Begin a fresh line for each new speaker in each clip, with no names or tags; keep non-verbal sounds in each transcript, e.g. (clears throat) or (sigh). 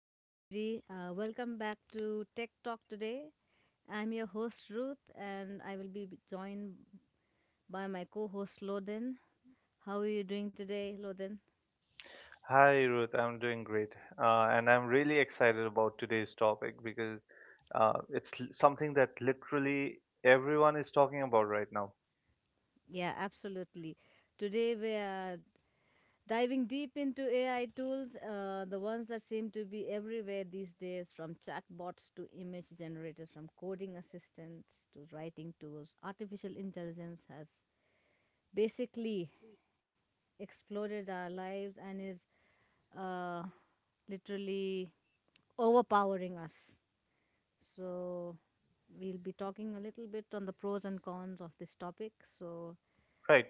Hi, everybody. Welcome back to Tech Talk today. I'm your host, Ruth, and I will be joined by my co host, Loden. How are you doing today, Loden?
Hi, Ruth. I'm doing great. And I'm really excited about today's topic because something that literally everyone is talking about right now,
Yeah, absolutely. Today, we are diving deep into AI tools, the ones that seem to be everywhere these days, from chatbots to image generators, from coding assistants to writing tools. Artificial intelligence has basically exploded our lives and is uh, literally overpowering us. So we'll be talking a little bit on the pros and cons of this topic. So
right?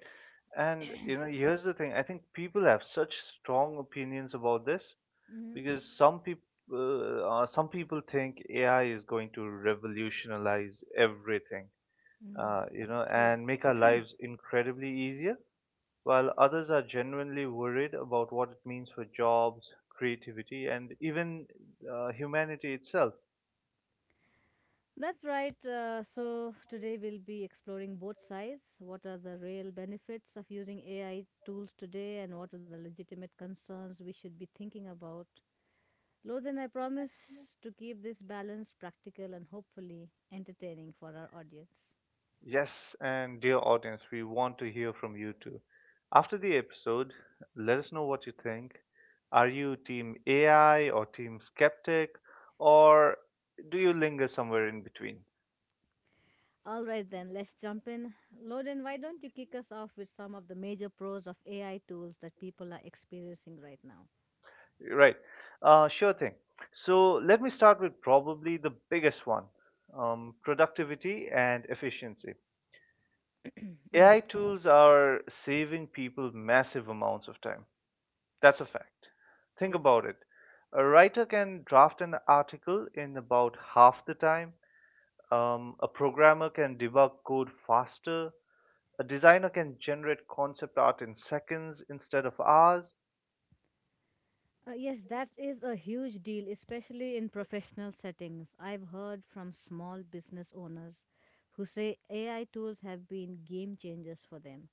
And you know, here's the thing. I think people have such strong opinions about this
mhm,
because some people think AI is going to revolutionize everything,
mm,
you know,
true.
and make our
(clears throat)
lives incredibly easier, while others are genuinely worried about what it means for jobs, creativity, and even humanity itself.
That's right. So today we'll be exploring both sides. What are the real benefits of using AI tools today, and what are the legitimate concerns we should be thinking about? Lothan, I promise to keep this balanced, practical, and hopefully entertaining for our audience.
Yes, and dear audience, we want to hear from you too. After the episode, let us know what you think. Are you team AI or team skeptic, or do you linger somewhere in between?
All right, then, let's jump in. Loden, why don't you kick us off with some of the major pros of AI tools that people are experiencing right now?
Right, sure thing. So let me start with probably the biggest one, productivity and efficiency.
(clears throat) Mm,
AI tools are saving people massive amounts of time. That's a fact. Think
yeah.
about it. A writer can draft an article in about half the time. A programmer can debug code faster. A designer can generate concept art in seconds instead of hours.
Yes, that is a huge deal, especially in professional settings. I've heard from small business owners who say AI tools have been game changers for them.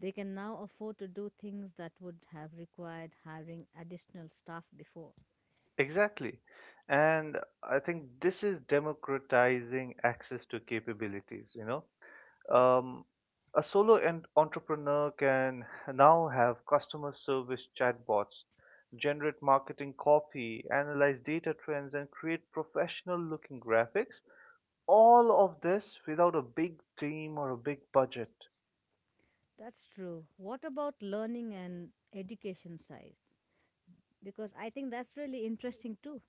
They can now afford to do things that would have required hiring additional staff before.
Exactly. And I think this is democratizing access to capabilities, you know.
Yes.
Um, a solo entrepreneur can (laughs) now have customer service chatbots, generate marketing copy, analyze data trends, and create professional looking graphics. All of this without a big team or a big budget.
That's true. What about learning and education side? Because I think that's really interesting too.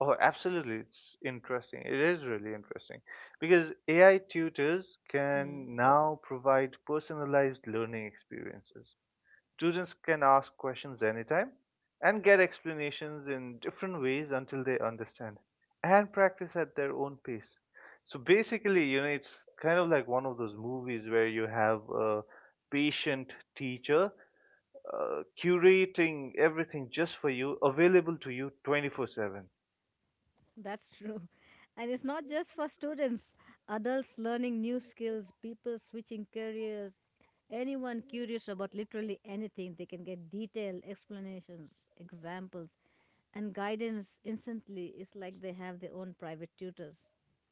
Oh, absolutely. It's interesting. It is really interesting because AI tutors
Hmm.
can now provide personalized learning experiences. Students can ask questions anytime and get explanations in different ways until they understand and practice at their own pace. So basically, you know, it's kind of like one of those movies where you have a patient teacher curating everything just for you, available to you 24/7.
That's (laughs) true. And it's not just for students, adults learning new skills, people switching careers, anyone curious about literally anything, they can get detailed explanations, examples, and guidance instantly. It's like they have their own private tutors.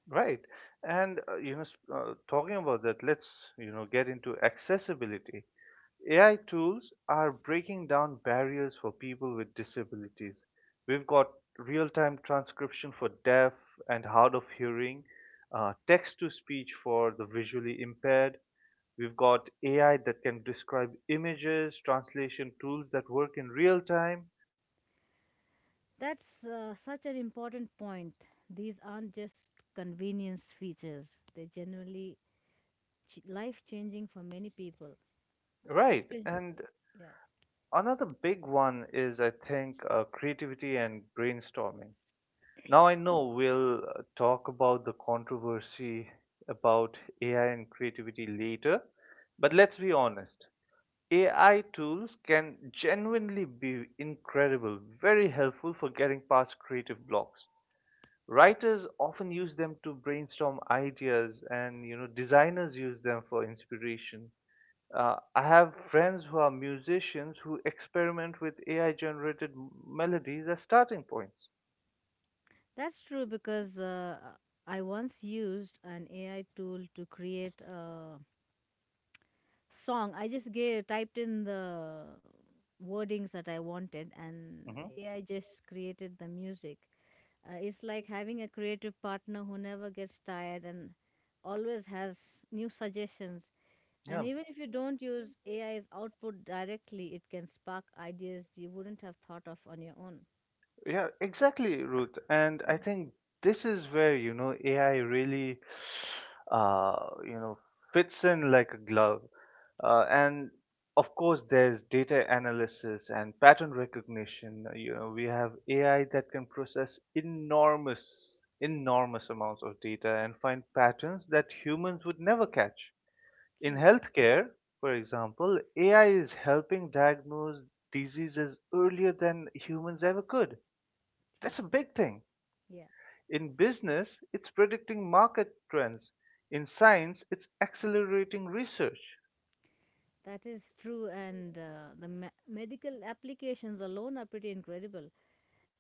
Right. And you know, s- Talking about that, let's you know get into accessibility. AI tools are breaking down barriers for people with disabilities. We've got real-time transcription for deaf and hard of hearing, text-to-speech for the visually impaired. We've got AI that can describe images, translation tools that work in real time.
That's such an important point. These aren't just convenience features, they're genuinely life changing for many people. Uh,
Right.
espe-
And
yeah.
another big one is, I think, creativity and brainstorming. Now I know we'll talk about the controversy about AI and creativity later, but let's be honest. AI tools can genuinely be incredible, very helpful for getting past creative blocks. Writers often use them to brainstorm ideas, and you know designers use them for inspiration. I have friends who are musicians who experiment with AI generated melodies as starting points.
That's true because I once used an AI tool to create a song. I just typed in the wordings that I wanted, and
Hmm.
AI just created the music. It's like having a creative partner who never gets tired and always has new suggestions.
Yeah.
And even if you don't use AI's output directly, it can spark ideas you wouldn't have thought of on your own.
Yeah, exactly, Ruth. And I think this is where, you know, AI really, (sighs) uh, you know, fits in like a glove. And of course, there's data analysis and pattern recognition. You know, we have AI that can process enormous amounts of data and find patterns that humans would never catch. In
True,
healthcare, for example, AI is helping diagnose diseases earlier than humans ever could.
true.
That's a big thing.
Yeah.
In business, it's predicting market trends. In science, it's accelerating research.
That is true, and medical applications alone are pretty incredible.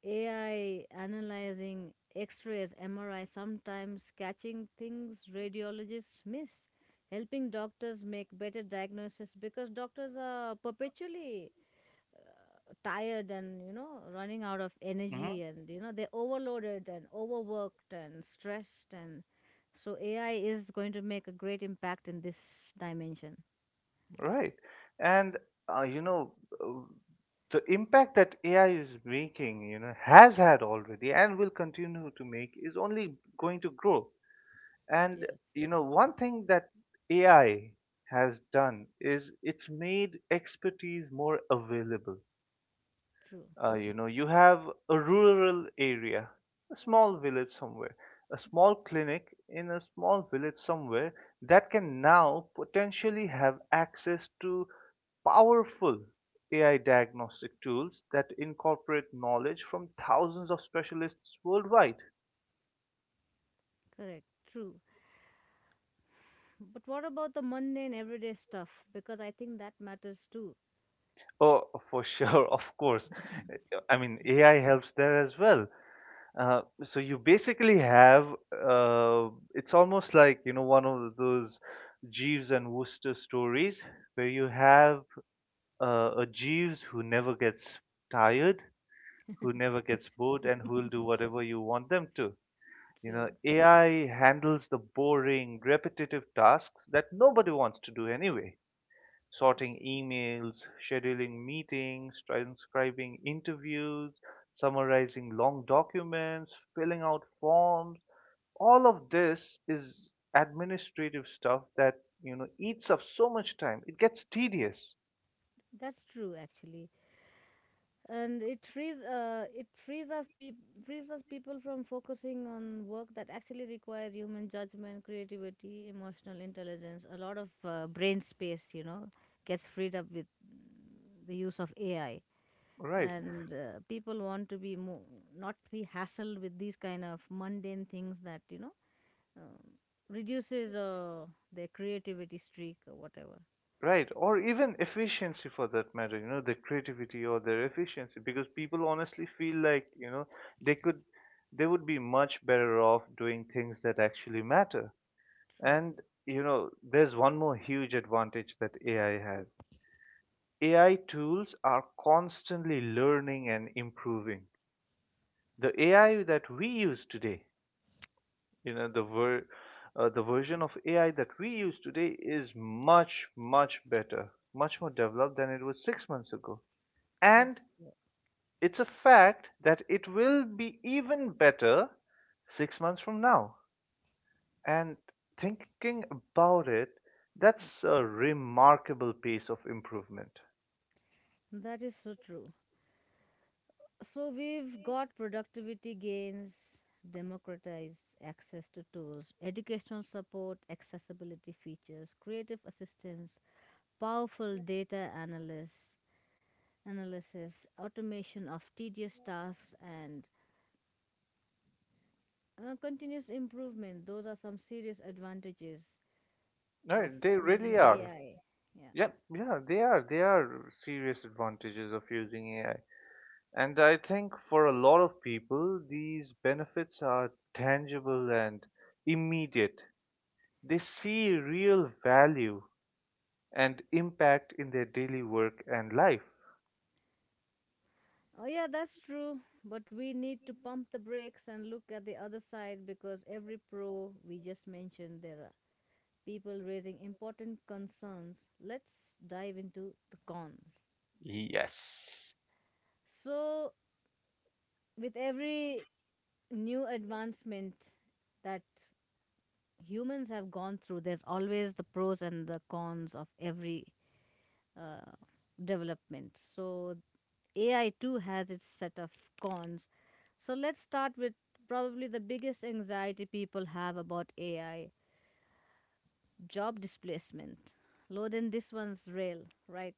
AI analyzing x rays, MRI, sometimes catching things radiologists miss, helping doctors make better diagnosis, because doctors are perpetually tired and, you know, running out of
Hmm.
energy and, you know, they're overloaded and overworked and stressed. And so AI is going to make a great impact in this dimension.
Right. And, uh, you know, uh, the impact that AI is making, you know, has had already and will continue to make, is only going to grow. And,
Yes,
you know, one thing that AI has done is it's made expertise more available.
true,
You know, you have a rural area, a small village somewhere, a small clinic in a small village somewhere, that can now potentially have access to powerful AI diagnostic tools that incorporate knowledge from thousands of specialists worldwide.
correct, true. But what about the mundane everyday stuff? Because I think that matters too.
Oh, for sure. (laughs) Of course. I mean, AI helps there as well. So you basically have, it's almost like, you know, one of those Jeeves and Wooster stories, where you have a Jeeves who never gets tired, who never gets bored, and who will do whatever you want them to. You know,
True.
AI handles the boring, repetitive tasks that nobody wants to do anyway. Sorting emails, scheduling meetings, transcribing interviews, summarizing long documents, filling out forms, all of this is administrative stuff that you know eats up so much time, it gets tedious.
That's true actually. And it frees frees us people from focusing on work that actually requires human judgment, creativity, emotional intelligence. A lot of brain space, you know, gets freed up with the use of AI.
Right.
And people want to be more, not be hassled with these kind of mundane things that, you know, um, reduces their creativity streak or whatever.
Right or even efficiency for that matter, you know, their creativity or their efficiency, because people honestly feel like, they could they would be much better off doing things that actually matter.
True.
And you know, there's one more huge advantage that AI has. AI tools are constantly learning and improving. The AI that we use today, you know the ver- the version of AI that we use today is much better, much more developed than it was 6 months ago.
That
And
is true.
it's a fact that it will be even better 6 months from now. And thinking about it,
Yeah.
that's a remarkable piece of improvement.
That is so true. So we've got productivity gains, democratized access to tools, educational support, accessibility features, creative assistance, powerful analysis, automation of tedious tasks, and continuous improvement. Those are some serious advantages
No,
of
they
using
really are.
AI.
Yeah, yeah, they are. They are serious advantages of using AI. And I think for a lot of people, these benefits are tangible and immediate. They see real value and impact in their daily work and life.
Oh, yeah, that's true. But we need to pump the brakes and look at the other side, because every pro we just mentioned, there are people raising important concerns. Let's dive into the cons.
Yes.
So, with every new advancement that humans have gone through, there's always the pros and the cons of every uh, development. So, AI too has its set of cons. So let's start with probably the biggest anxiety people have about AI: job displacement. Loden, this one's real, right?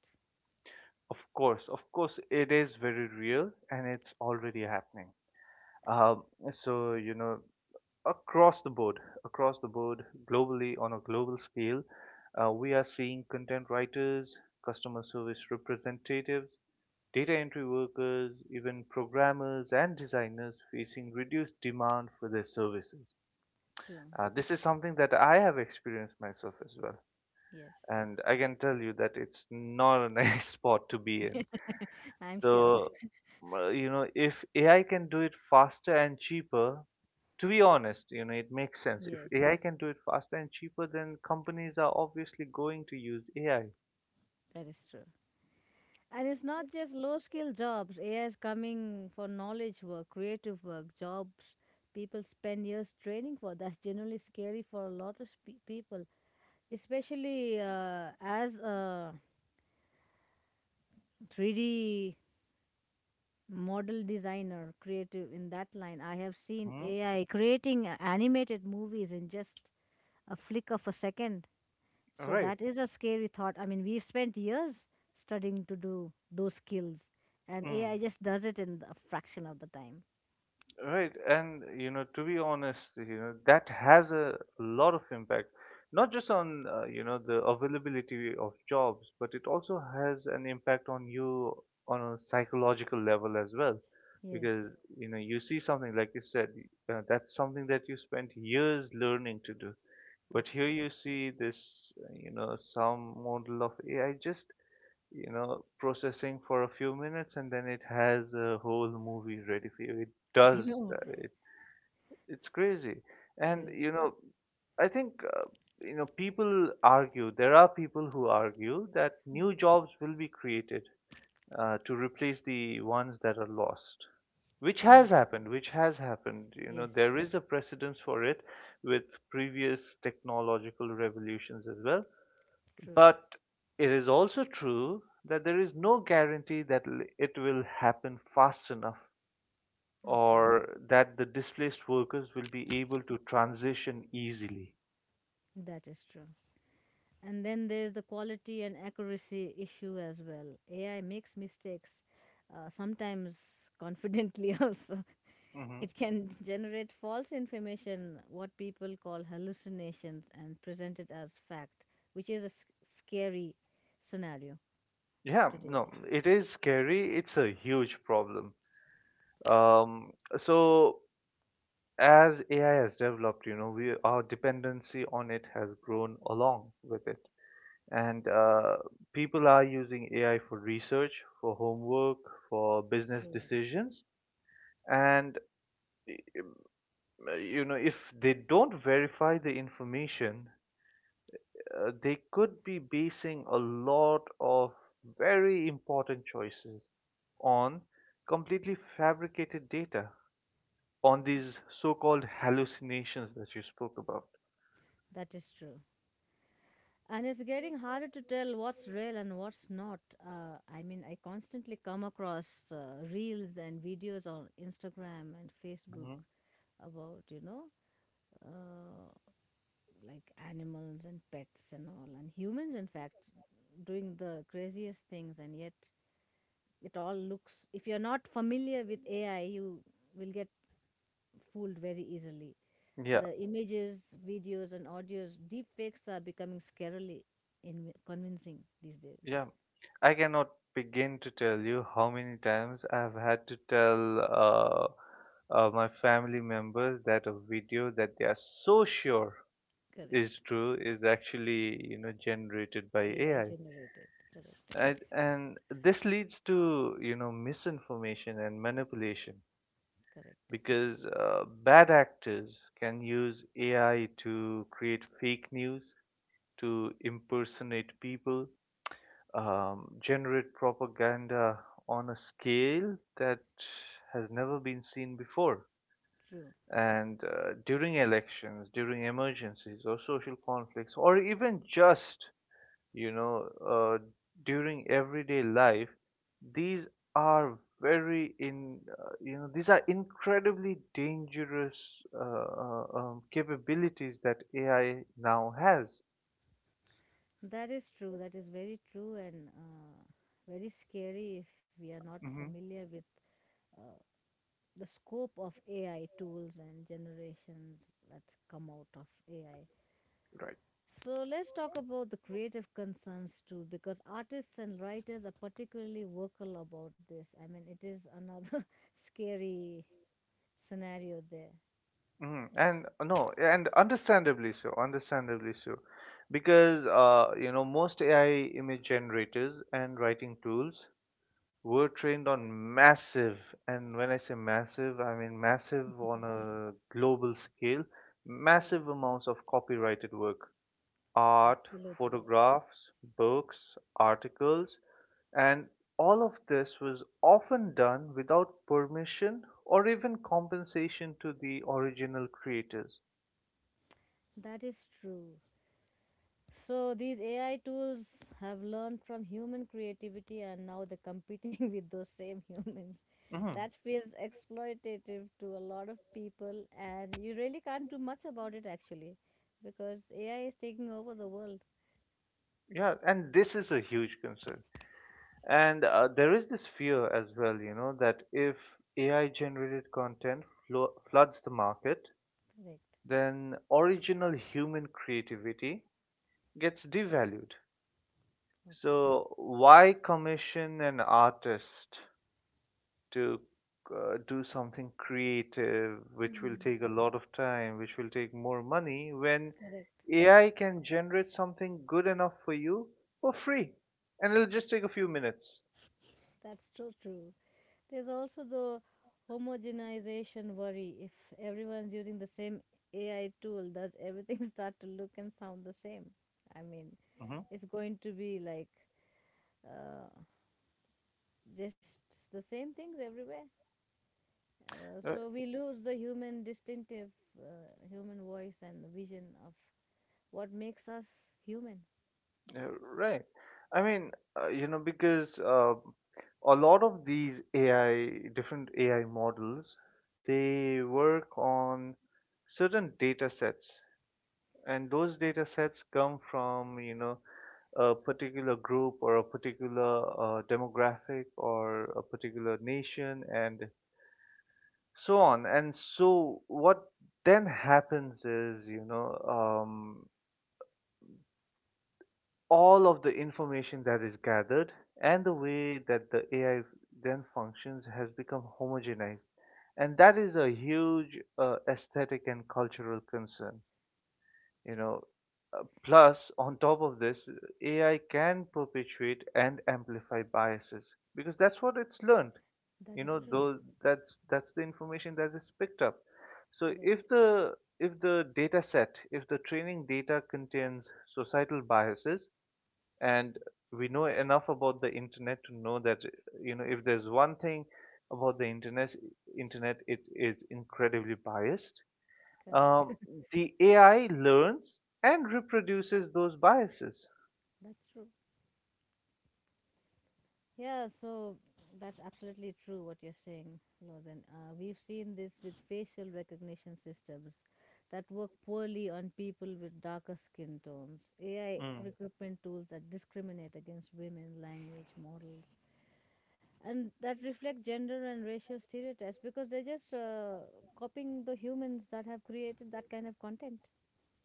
Of course, it is very real and it's already happening. Um, so, you know, across the board, across the board, globally, on a global scale, we are seeing content writers, customer service representatives, data entry workers, even programmers and designers facing reduced demand for their services.
True.
This is something that I have experienced myself as well.
Yes.
And I can tell you that it's not a nice (laughs) spot to be in.
(laughs) I'm sure.
So, you know, if AI can do it faster and cheaper, to be honest, you know, it makes sense. If
Yes,
AI can do it faster and cheaper, then companies are obviously going to use AI.
that is true. And it's not just low skill jobs. AI is coming for knowledge work, creative work, jobs people spend years training for. That's generally scary for a lot of people, especially as a 3D model designer creative in that line. I have seen
Mm?
AI creating animated movies in just a flick of a second. So
Right.
that is a scary thought. I mean, we've spent years studying to do those skills, and AI just does it in a fraction of the time.
Right, and you know, to be honest, you know, that has a lot of impact, not just on you know the availability of jobs, but it also has an impact on you on a psychological level as well,
Yes,
because you know you see something like you said, that's something that you spent years learning to do, but
that's
here
true.
you see this, you know, some model of AI just you know, processing for a few minutes and then it has a whole movie ready for you. It
(laughs) I
does
know.
that. It's crazy. And,
Crazy.
you know, I think, you know, there are people who argue that new jobs will be created to replace the ones that are lost.
Yes,
Which has happened. You know,
yes,
there is a precedence for it with previous technological revolutions as well.
true.
But it is also true that there is no guarantee that it will happen fast enough,
Okay,
or that the displaced workers will be able to transition easily.
that is true. And then there's the quality and accuracy issue as well. AI makes mistakes, sometimes confidently (laughs) also.
Hmm.
It can generate false information, what people call hallucinations, and present it as fact, which is a scary scenario
Yeah,
today.
no, it is scary. It's a huge problem. So as AI has developed, you know, we our dependency on it has grown along with it, and people are using AI for research, for homework, for business
True.
decisions, and you know if they don't verify the information, they could be basing a lot of very important choices on completely fabricated data, on these so-called hallucinations that you spoke about.
That is true. And it's getting harder to tell what's real and what's not. I mean, I constantly come across reels and videos on Instagram and Facebook
Mhm.
about, you know, uh, like animals and pets and all, and humans, in fact, doing the craziest things, and yet it all looks. If you're not familiar with AI, you will get fooled very easily.
yeah,
The images, videos, and audios, deepfakes are becoming scarily convincing these days.
yeah. I cannot begin to tell you how many times I've had to tell uh, my family members that a video that they are so sure is
Correct.
true is actually you know generated by
AI
AI.
generated. Correct.
And this leads to you know misinformation and manipulation,
Correct.
because bad actors can use AI to create fake news, to impersonate people, generate propaganda on a scale that has never been seen before.
True.
And during elections, during emergencies or social conflicts, or even just you know during everyday life, these are very in you know these are incredibly dangerous capabilities that AI now has.
That is true. That is very true, and very scary if we are not
Hmm.
familiar with uh, the scope of AI tools and generations that come out of AI.
Right.
So let's talk about the creative concerns too, because artists and writers are particularly vocal about this. I mean, it is another (laughs) scary scenario there.
Mm, and no, and understandably so, because you know most AI image generators and writing tools were trained on massive, and when I say massive, I mean massive on a global scale, massive
Correct.
amounts of copyrighted work, art,
Absolutely.
photographs, books, articles, and all of this was often done without permission or even compensation to the original creators.
That is true. So these AI tools have learned from human creativity, and now they're competing (laughs) with those same humans.
Mhm.
That feels exploitative to a lot of people, and you really can't do much about it actually, because AI is taking over the world.
Yeah, and this is a huge concern. And there is this fear as well, you know, that if AI generated content floods the market,
Correct.
then original human creativity gets devalued.
Okay.
So, why commission an artist to do something creative, which will
Mm.
take a lot of time, which will take more money, when
Correct.
AI can generate something good enough for you for free? And it'll just take a few minutes.
That's so true. There's also the homogenization worry. If everyone's using the same AI tool, does everything (laughs) start to look and sound the same? I mean,
Hmm.
is going to be like uh, just the same things everywhere. So we lose the human voice and the vision of what makes us human.
Yeah, right. I mean, you know, because a lot of these AI, different AI models, they work on certain data sets, and those data sets come from, you know, a particular group or a particular demographic or a particular nation, and so on. And so, what then happens is, all of the information that is gathered and the way that the AI then functions has become homogenized. And that is a huge aesthetic and cultural concern. You know, Plus, on top of this, AI can perpetuate and amplify biases because that's what it's learned.
That
You
is
know,
true.
though That's the information that is picked up. So
Correct.
if the if the data set, if the training data contains societal biases, and we know enough about the internet to know that you know if there's one thing about the internet, it is incredibly biased,
Correct.
um,
(laughs)
the AI learns and reproduces those biases.
That's true. Yeah, so that's absolutely true what you're saying, Lothan. We've seen this with facial recognition systems that work poorly on people with darker skin tones, AI
Mm.
recruitment tools that discriminate against women, language, models, and that reflect gender and racial stereotypes because they're just copying the humans that have created that kind of content.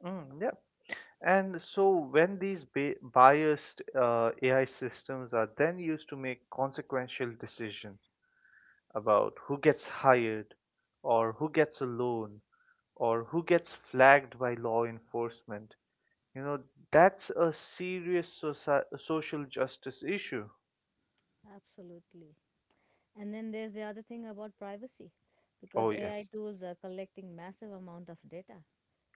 Mm, yeah, and so when these biased AI systems are then used to make consequential decisions about who gets hired or who gets a loan or who gets flagged by law enforcement. You know, that's a serious social justice issue.
Absolutely. And then there's the other thing about privacy, because
Oh,
AI
yes.
tools are collecting massive amount of data.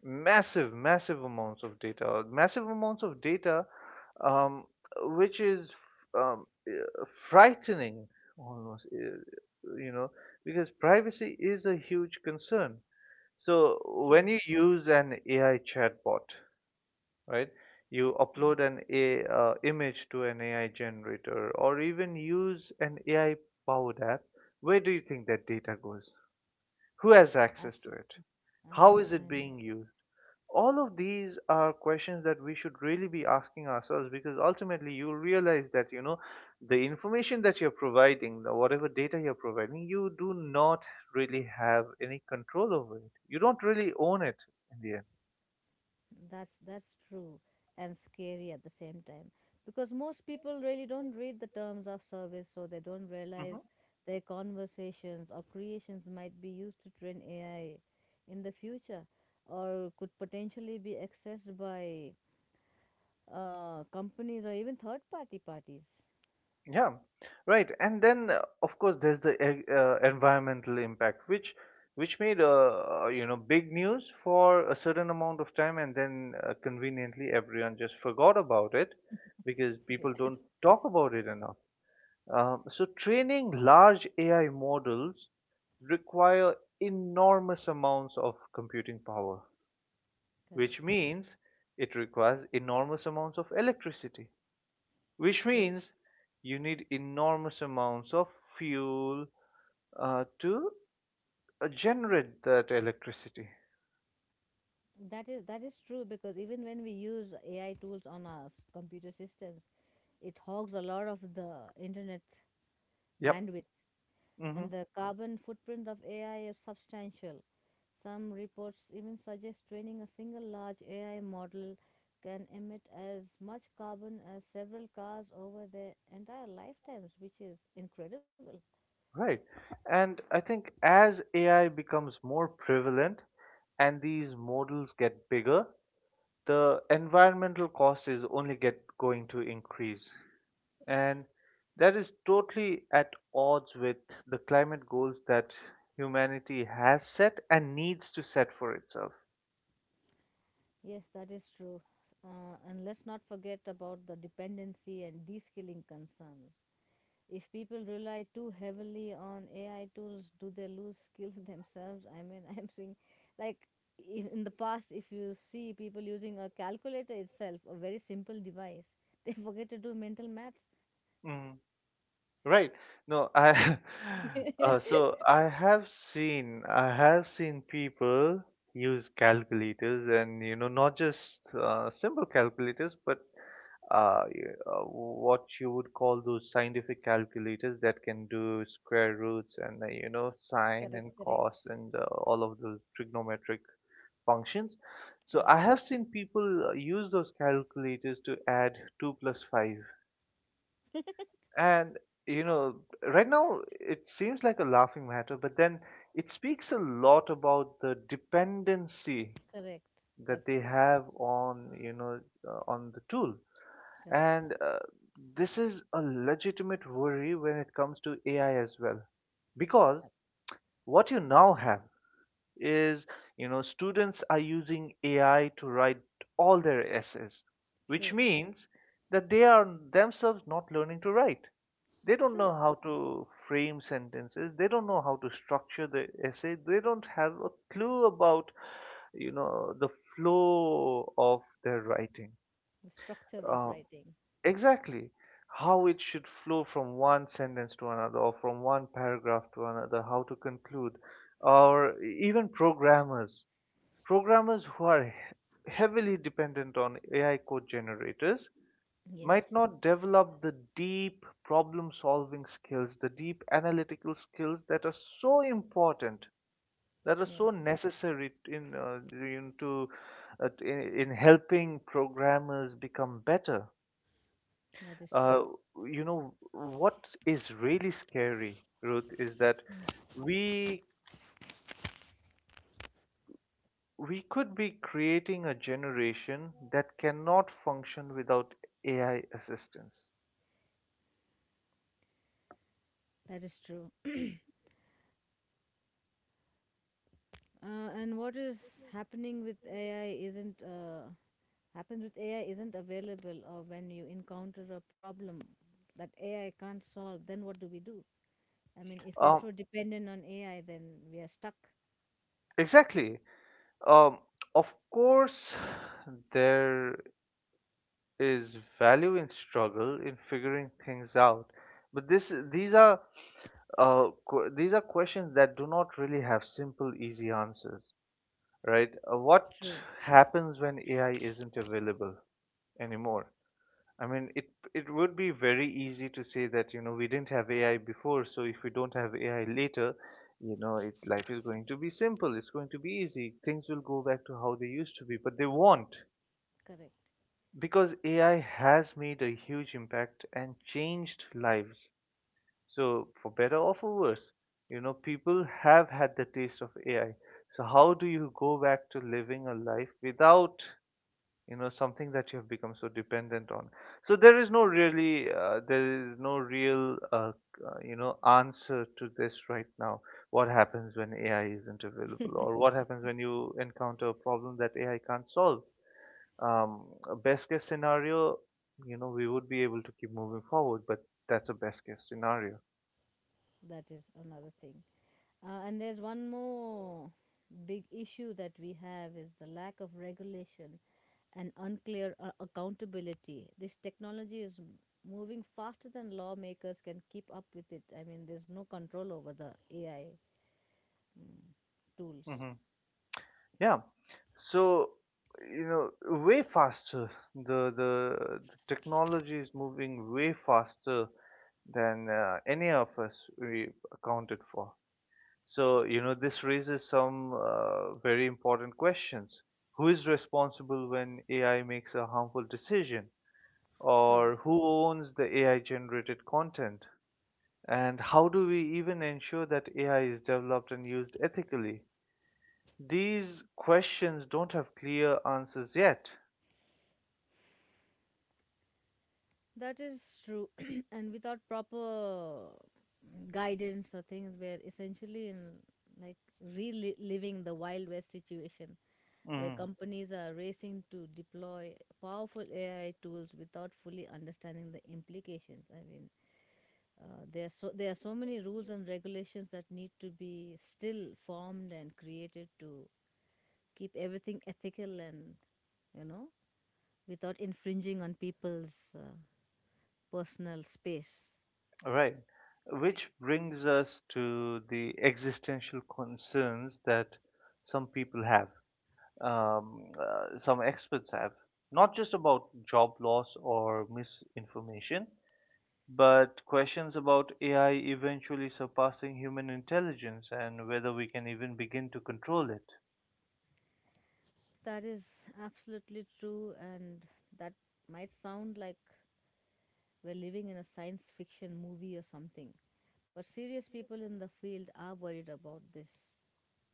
Massive, massive amounts of data, massive amounts of data, um, which is um, uh, frightening almost, you know, because privacy is a huge concern. So
True.
when you use an AI chatbot, right? You upload an image to an AI generator or even use an AI powered app. Where do you think that data goes? Who has access to
Absolutely,
it?
I
How
know,
is
I
it
know.
being used? All of these are questions that we should really be asking ourselves because ultimately you'll realize that you know the information that you're providing, the whatever data you're providing, you do not really have any control over it. You don't really own it in the end.
That's true and scary at the same time, because most people really don't read the terms of service, so they don't realize
Mhm.
their conversations or creations might be used to train AI in the future, or could potentially be accessed by companies or even third-party parties.
Yeah, right. And then, of course, there's the environmental impact, which made you know, big news for a certain amount of time, and then conveniently everyone just forgot about it because
(laughs)
people
Yeah,
don't talk about it enough. So training large AI models require enormous amounts of computing power,
correct.
which means it requires enormous amounts of electricity, which
True.
means you need enormous amounts of fuel to generate that electricity.
That is true, because even when we use AI tools on our computer systems, it hogs a lot of the internet
Yep.
bandwidth,
Hmm.
and the carbon footprint of AI is substantial. Some reports even suggest training a single large AI model can emit as much carbon as several cars over their entire lifetimes, which is incredible.
Right. And I think as AI becomes more prevalent and these models get bigger, the environmental cost is only get going to increase. And that is totally at odds with the climate goals that humanity has set and needs to set for itself.
Yes, that is true. And let's not forget about the dependency and de skilling concerns. If people rely too heavily on AI tools, do they lose skills (laughs) themselves? I mean, (laughs) I'm saying, like, in the past, if you see people using a calculator itself, a very simple device, they (laughs) forget to do mental maths. (laughs)
Mm. Right. No, I (laughs) so I have seen people use calculators, and you know, not just simple calculators but what you would call those scientific calculators that can do square roots and you know, sine
Correct,
and
correct,
cos and all of those trigonometric functions. So
correct,
I have seen people use those calculators to add 2 plus 5 and, you know, right now it seems like a laughing matter, but then it speaks a lot about the dependency
correct. That's
that they
true.
have on, you know, on the tool.
Correct.
And this is a legitimate worry when it comes to AI as well. Because
That's
what you now have is, you know, students are using AI to write all their essays, which
true.
means that they are themselves not learning to write. They
That's
don't know
true.
how to frame sentences. They don't know how to structure the essay. They don't have a clue about, you know, the flow of their writing.
The structure of
Uh,
writing.
exactly how it should flow from one sentence to another or from one paragraph to another, how to conclude, or even programmers who are heavily dependent on AI code generators
Yes,
might not develop the deep problem solving skills, the deep analytical skills that are so important, that are
yes,
so necessary in helping programmers become better.
that is true.
Uh, you know, what is really scary, Ruth, is that we we could be creating a generation that cannot function without AI assistance.
That is true. And what is happening with AI isn't uh, happens with AI isn't available, or when you encounter a problem that AI can't solve, then what do we do? I mean, if we're
Um,
so dependent on AI, then we are stuck.
exactly. Um, of course, there is value in struggle in figuring things out, but this these are these are questions that do not really have simple, easy answers, right? What
True.
happens when AI isn't available anymore? I mean, it would be very easy to say that, you know, we didn't have AI before, so if we don't have AI later, life is going to be simple, it's going to be easy, things will go back to how they used to be, but they won't,
Correct.
because AI has made a huge impact and changed lives. So, for better or for worse, you know, people have had the taste of AI. So, how do you go back to living a life without, you know, something that you have become so dependent on? So there is no really there is no real you know, answer to this right now. What happens when AI isn't available, or what happens when you encounter a problem that AI can't solve? Um, a best case scenario, you know, we would be able to keep moving forward, but that's a best case scenario.
That is another thing. And there's one more big issue that we have is the lack of regulation and unclear accountability. This technology is moving faster than lawmakers can keep up with it. I mean, there's no control over the AI mm, tools.
Hmm. Yeah. So, you know, way faster. The technology is moving way faster than any of us we accounted for. So, you know, this raises some very important questions. Who is responsible when AI makes a harmful decision?
True.
Or who owns the AI generated content? And how do we even ensure that AI is developed and used ethically? These questions don't have clear answers yet.
That is true. (clears throat) And without proper guidance or things, we're essentially in like reliving the Wild West situation, where
Hmm.
companies are racing to deploy powerful AI tools without fully understanding the implications. I mean, there are so many rules and regulations that need to be still formed and created to keep everything ethical and, you know, without infringing on people's personal space.
Right. Which brings us to the existential concerns that some people have, some experts have, not just about job loss or misinformation, but questions about AI eventually surpassing human intelligence and whether we can even begin to control it.
That is absolutely true, and that might sound like we're living in a science fiction movie or something. But serious people in the field are worried about this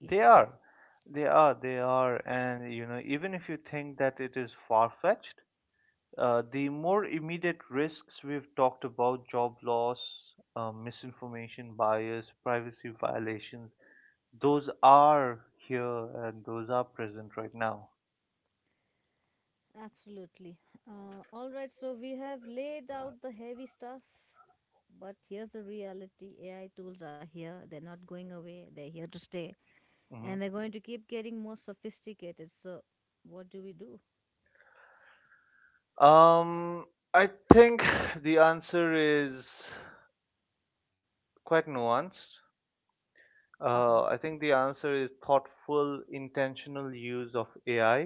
They are. They are. They are. And, you know, even if you think that it is far-fetched, the more immediate risks we've talked about, job loss, misinformation, bias, privacy violations, those are here and those are present right now.
Absolutely. So we have laid out the heavy stuff, but here's the reality: AI tools are here, they're not going away, they're here to stay,
Hmm.
and they're going to keep getting more sophisticated. So, what do we do?
Um, I think (sighs) the answer is quite nuanced.
(laughs)
I think the answer is thoughtful, intentional use of AI,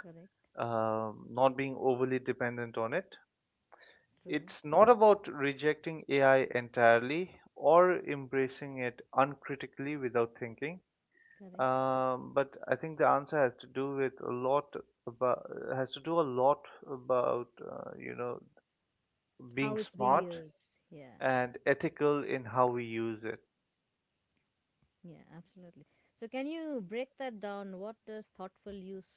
Correct.
not being overly dependent on it.
True.
It's not about rejecting AI entirely or embracing it uncritically without thinking.
Correct.
But I think the answer has to do with a lot about has to do a lot about you know,
How
being
it's being
smart
used. Yeah.
and ethical in how we use it.
Yeah, absolutely. So, can you break that down? What does thoughtful use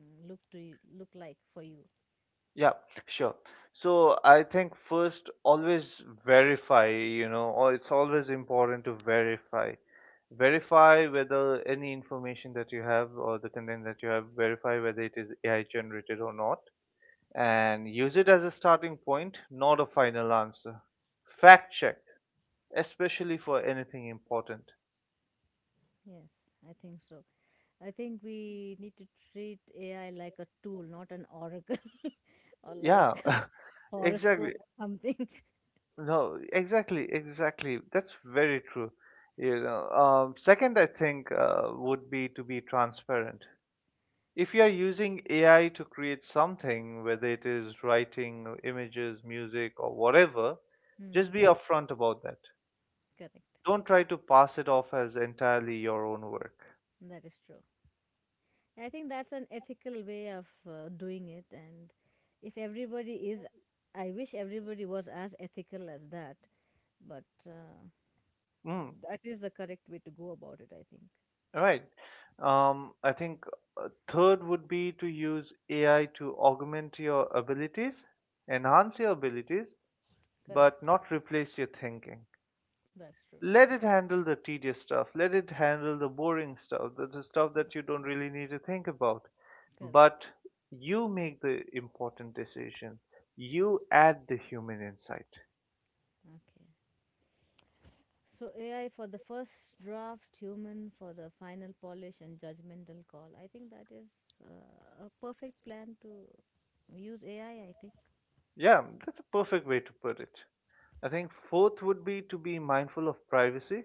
look to you, look like for you?
Yeah, sure. So I think first, always verify, you know, or it's always important to verify. Verify whether any information that you have or the content that you have, verify whether it is AI generated or not, and use it as a starting point, not a final answer. Fact check, especially for anything important.
Yes, I think so. I think we need to treat AI like a tool, not an oracle (laughs) or like
Yeah,
a
(laughs)
horoscope
exactly.
or something. (laughs)
No, exactly, exactly. That's very true. You know, second, I think would be to be transparent. If you are using AI to create something, whether it is writing, images, music, or whatever, just
Hmm,
be upfront about that.
correct.
Don't try to pass it off as entirely your own work.
That is true. I think that's an ethical way of doing it, and if everybody is, I wish everybody was as ethical as that. But
Mm,
that is the correct way to go about it, I think.
right. I think third would be to use AI to augment your abilities, enhance your abilities, but
Correct.
not replace your thinking.
That's true.
Let it handle the tedious stuff, let it handle the boring stuff, the stuff that you don't really need to think about.
Correct.
But you make the important decision, you add the human insight.
Okay. So AI for the first draft, human for the final polish and judgmental call. I think that is a perfect plan to use AI, I think.
Yeah, that's a perfect way to put it. I think fourth would be to be mindful of privacy.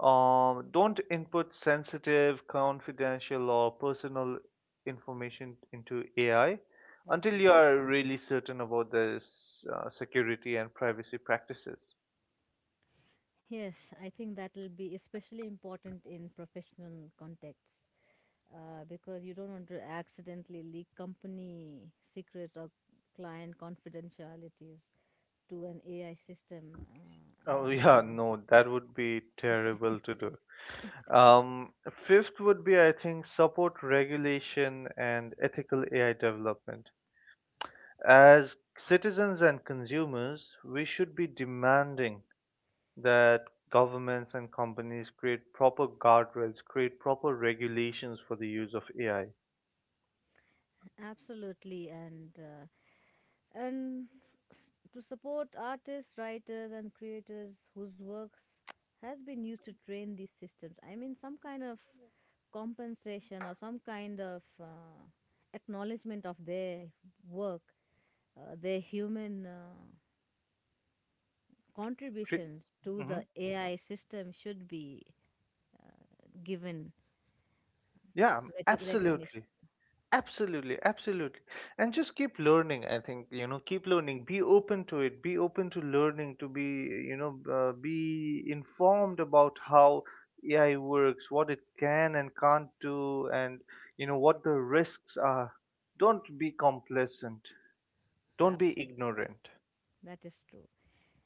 Don't input sensitive, confidential, or personal information into AI until you
Okay.
are really certain about the security and privacy practices.
Yes, I think that will be especially important in professional contexts because you don't want to accidentally leak company secrets or client confidentialities to an AI system.
Oh, (laughs)
And
yeah,
yeah.
no, that would be terrible to do. Um, fifth would be, I think, support regulation and ethical AI development. As citizens and consumers, we should be demanding that governments and companies create proper guardrails, create proper regulations for the use of AI.
Absolutely, and to support artists, writers, and creators whose works has been used to train these systems. I mean, some kind of compensation or some kind of acknowledgement of their work, their human
Cre-
contributions to the
Mhm.
AI system should be given
Yeah,
recognition.
absolutely. Absolutely, absolutely. And just keep learning, I think, you know, keep learning, be open to it, be open to learning, to be, you know, be informed about how AI works, what it can and can't do, and, you know, what the risks are. Don't be complacent, don't be
Absolutely,
ignorant.
that is true.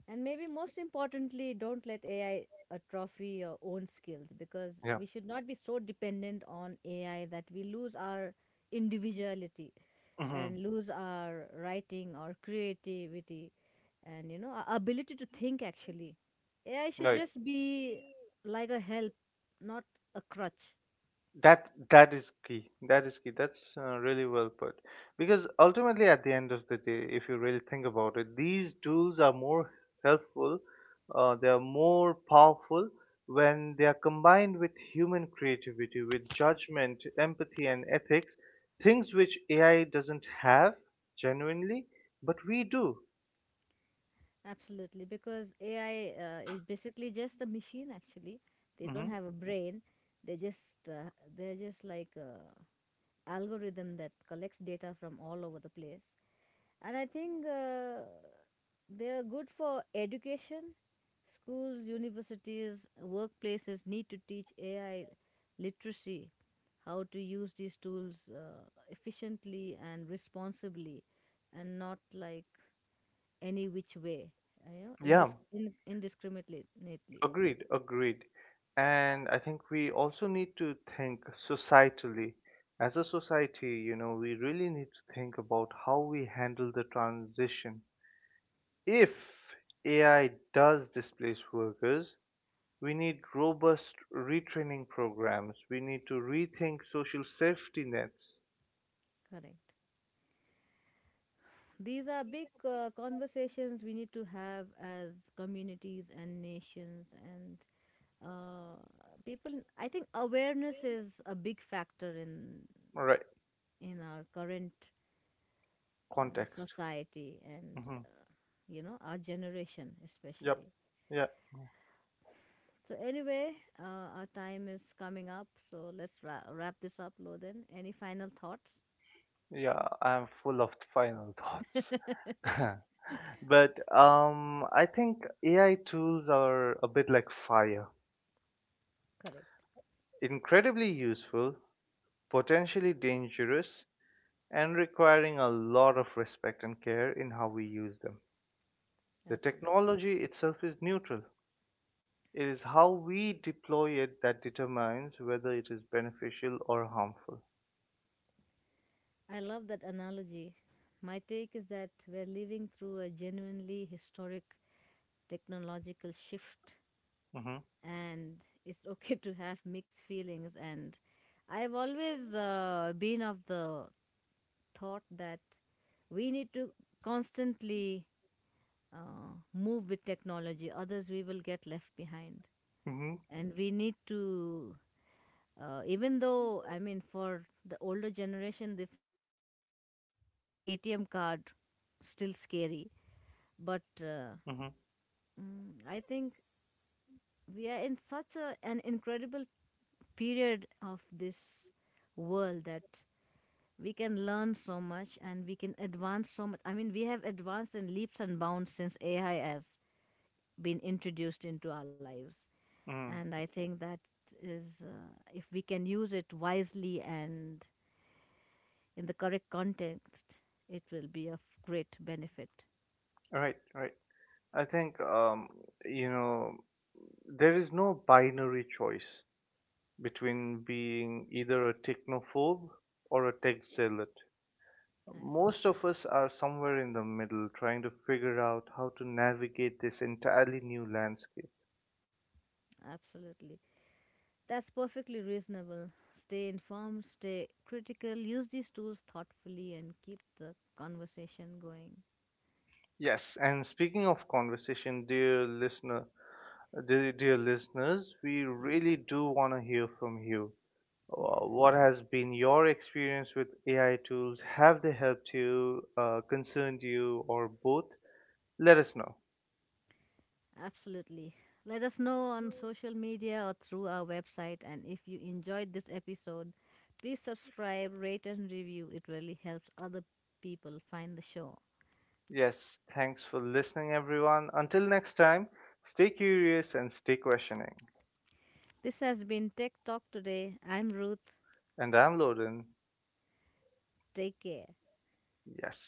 And maybe most importantly, don't let AI atrophy your own skills, because
Yeah.
we should not be so dependent on AI that we lose our individuality
Hmm.
and lose our writing or creativity and, you know, our ability to think actually. AI should
Right.
just be like a help, not a crutch.
That is key, that is key. That's really well put, because ultimately at the end of the day, if you really think about it, these tools are more helpful, they are more powerful when they are combined with human creativity, with judgment, empathy, and ethics, things which AI doesn't have, genuinely, but we do.
Absolutely, because AI is basically just a machine. Actually, they don't
Hmm.
have a brain. They just they're just like algorithm that collects data from all over the place. And I think they are good for education. Schools, universities, workplaces need to teach AI literacy, how to use these tools efficiently and responsibly, and not like any which way, uh, you know,
Yeah.
indisc- in- indiscriminately.
Agreed, agreed. And I think we also need to think societally. As a society, you know, we really need to think about how we handle the transition. If AI does displace workers, we need robust retraining programs. We need to rethink social safety nets.
Correct. These are big conversations we need to have as communities and nations and uh, people. I think awareness is a big factor
Right,
in our current
context.
society and,
Hmm.
you know, our generation
Yep.
especially.
Yeah,
So anyway, our time is coming up, so let's wrap this up. Loden, any final thoughts?
yeah, I'm full of (laughs) final thoughts.
(laughs)
(laughs) But I think AI tools are a bit like fire,
Correct.
incredibly useful, potentially dangerous, and requiring a lot of respect and care in how we use them. The
Absolutely.
technology itself is neutral. It is how we deploy it that determines whether it is beneficial or harmful.
I love that analogy. My take is that we're living through a genuinely historic technological shift,
Mm-hmm.
and it's (laughs) okay to have mixed feelings. And I've always been of the thought that we need to constantly move with technology, others we will get left behind.
Mm-hmm.
And we need to even though, I mean, for the older generation, they find using a ATM card still scary. But
Mm-hmm.
I think we are in such a, an incredible period of this world that we can learn so much and we can advance so much. I mean, we have advanced in leaps and bounds since AI has been introduced into our lives.
Mm-hmm.
And I think that is, if we can use it wisely and in the correct context, it will be of great benefit.
Right, right. I think you know, there is no binary choice between being either a technophobe or a tech zealot. Most
Absolutely.
of us are somewhere in the middle, trying to figure out how to navigate this entirely new landscape.
Absolutely. That's perfectly reasonable. Stay informed, stay critical, use these tools thoughtfully, and keep the conversation going.
Yes, and speaking of conversation, dear listener, dear listeners, we
Yeah.
really do want to hear from you.
Yeah,
What has been your experience with AI tools? Have they helped you, concerned you, or both? Let us know.
absolutely. Let us know on social media or through our website. And if you enjoyed this episode, please subscribe, rate, and review. It really helps other people find the show.
Yes, thanks for listening, everyone. Until next time, stay curious and stay questioning.
This has been Tech Talk Today. I'm Ruth.
And I'm Loden.
Take care.
Yes.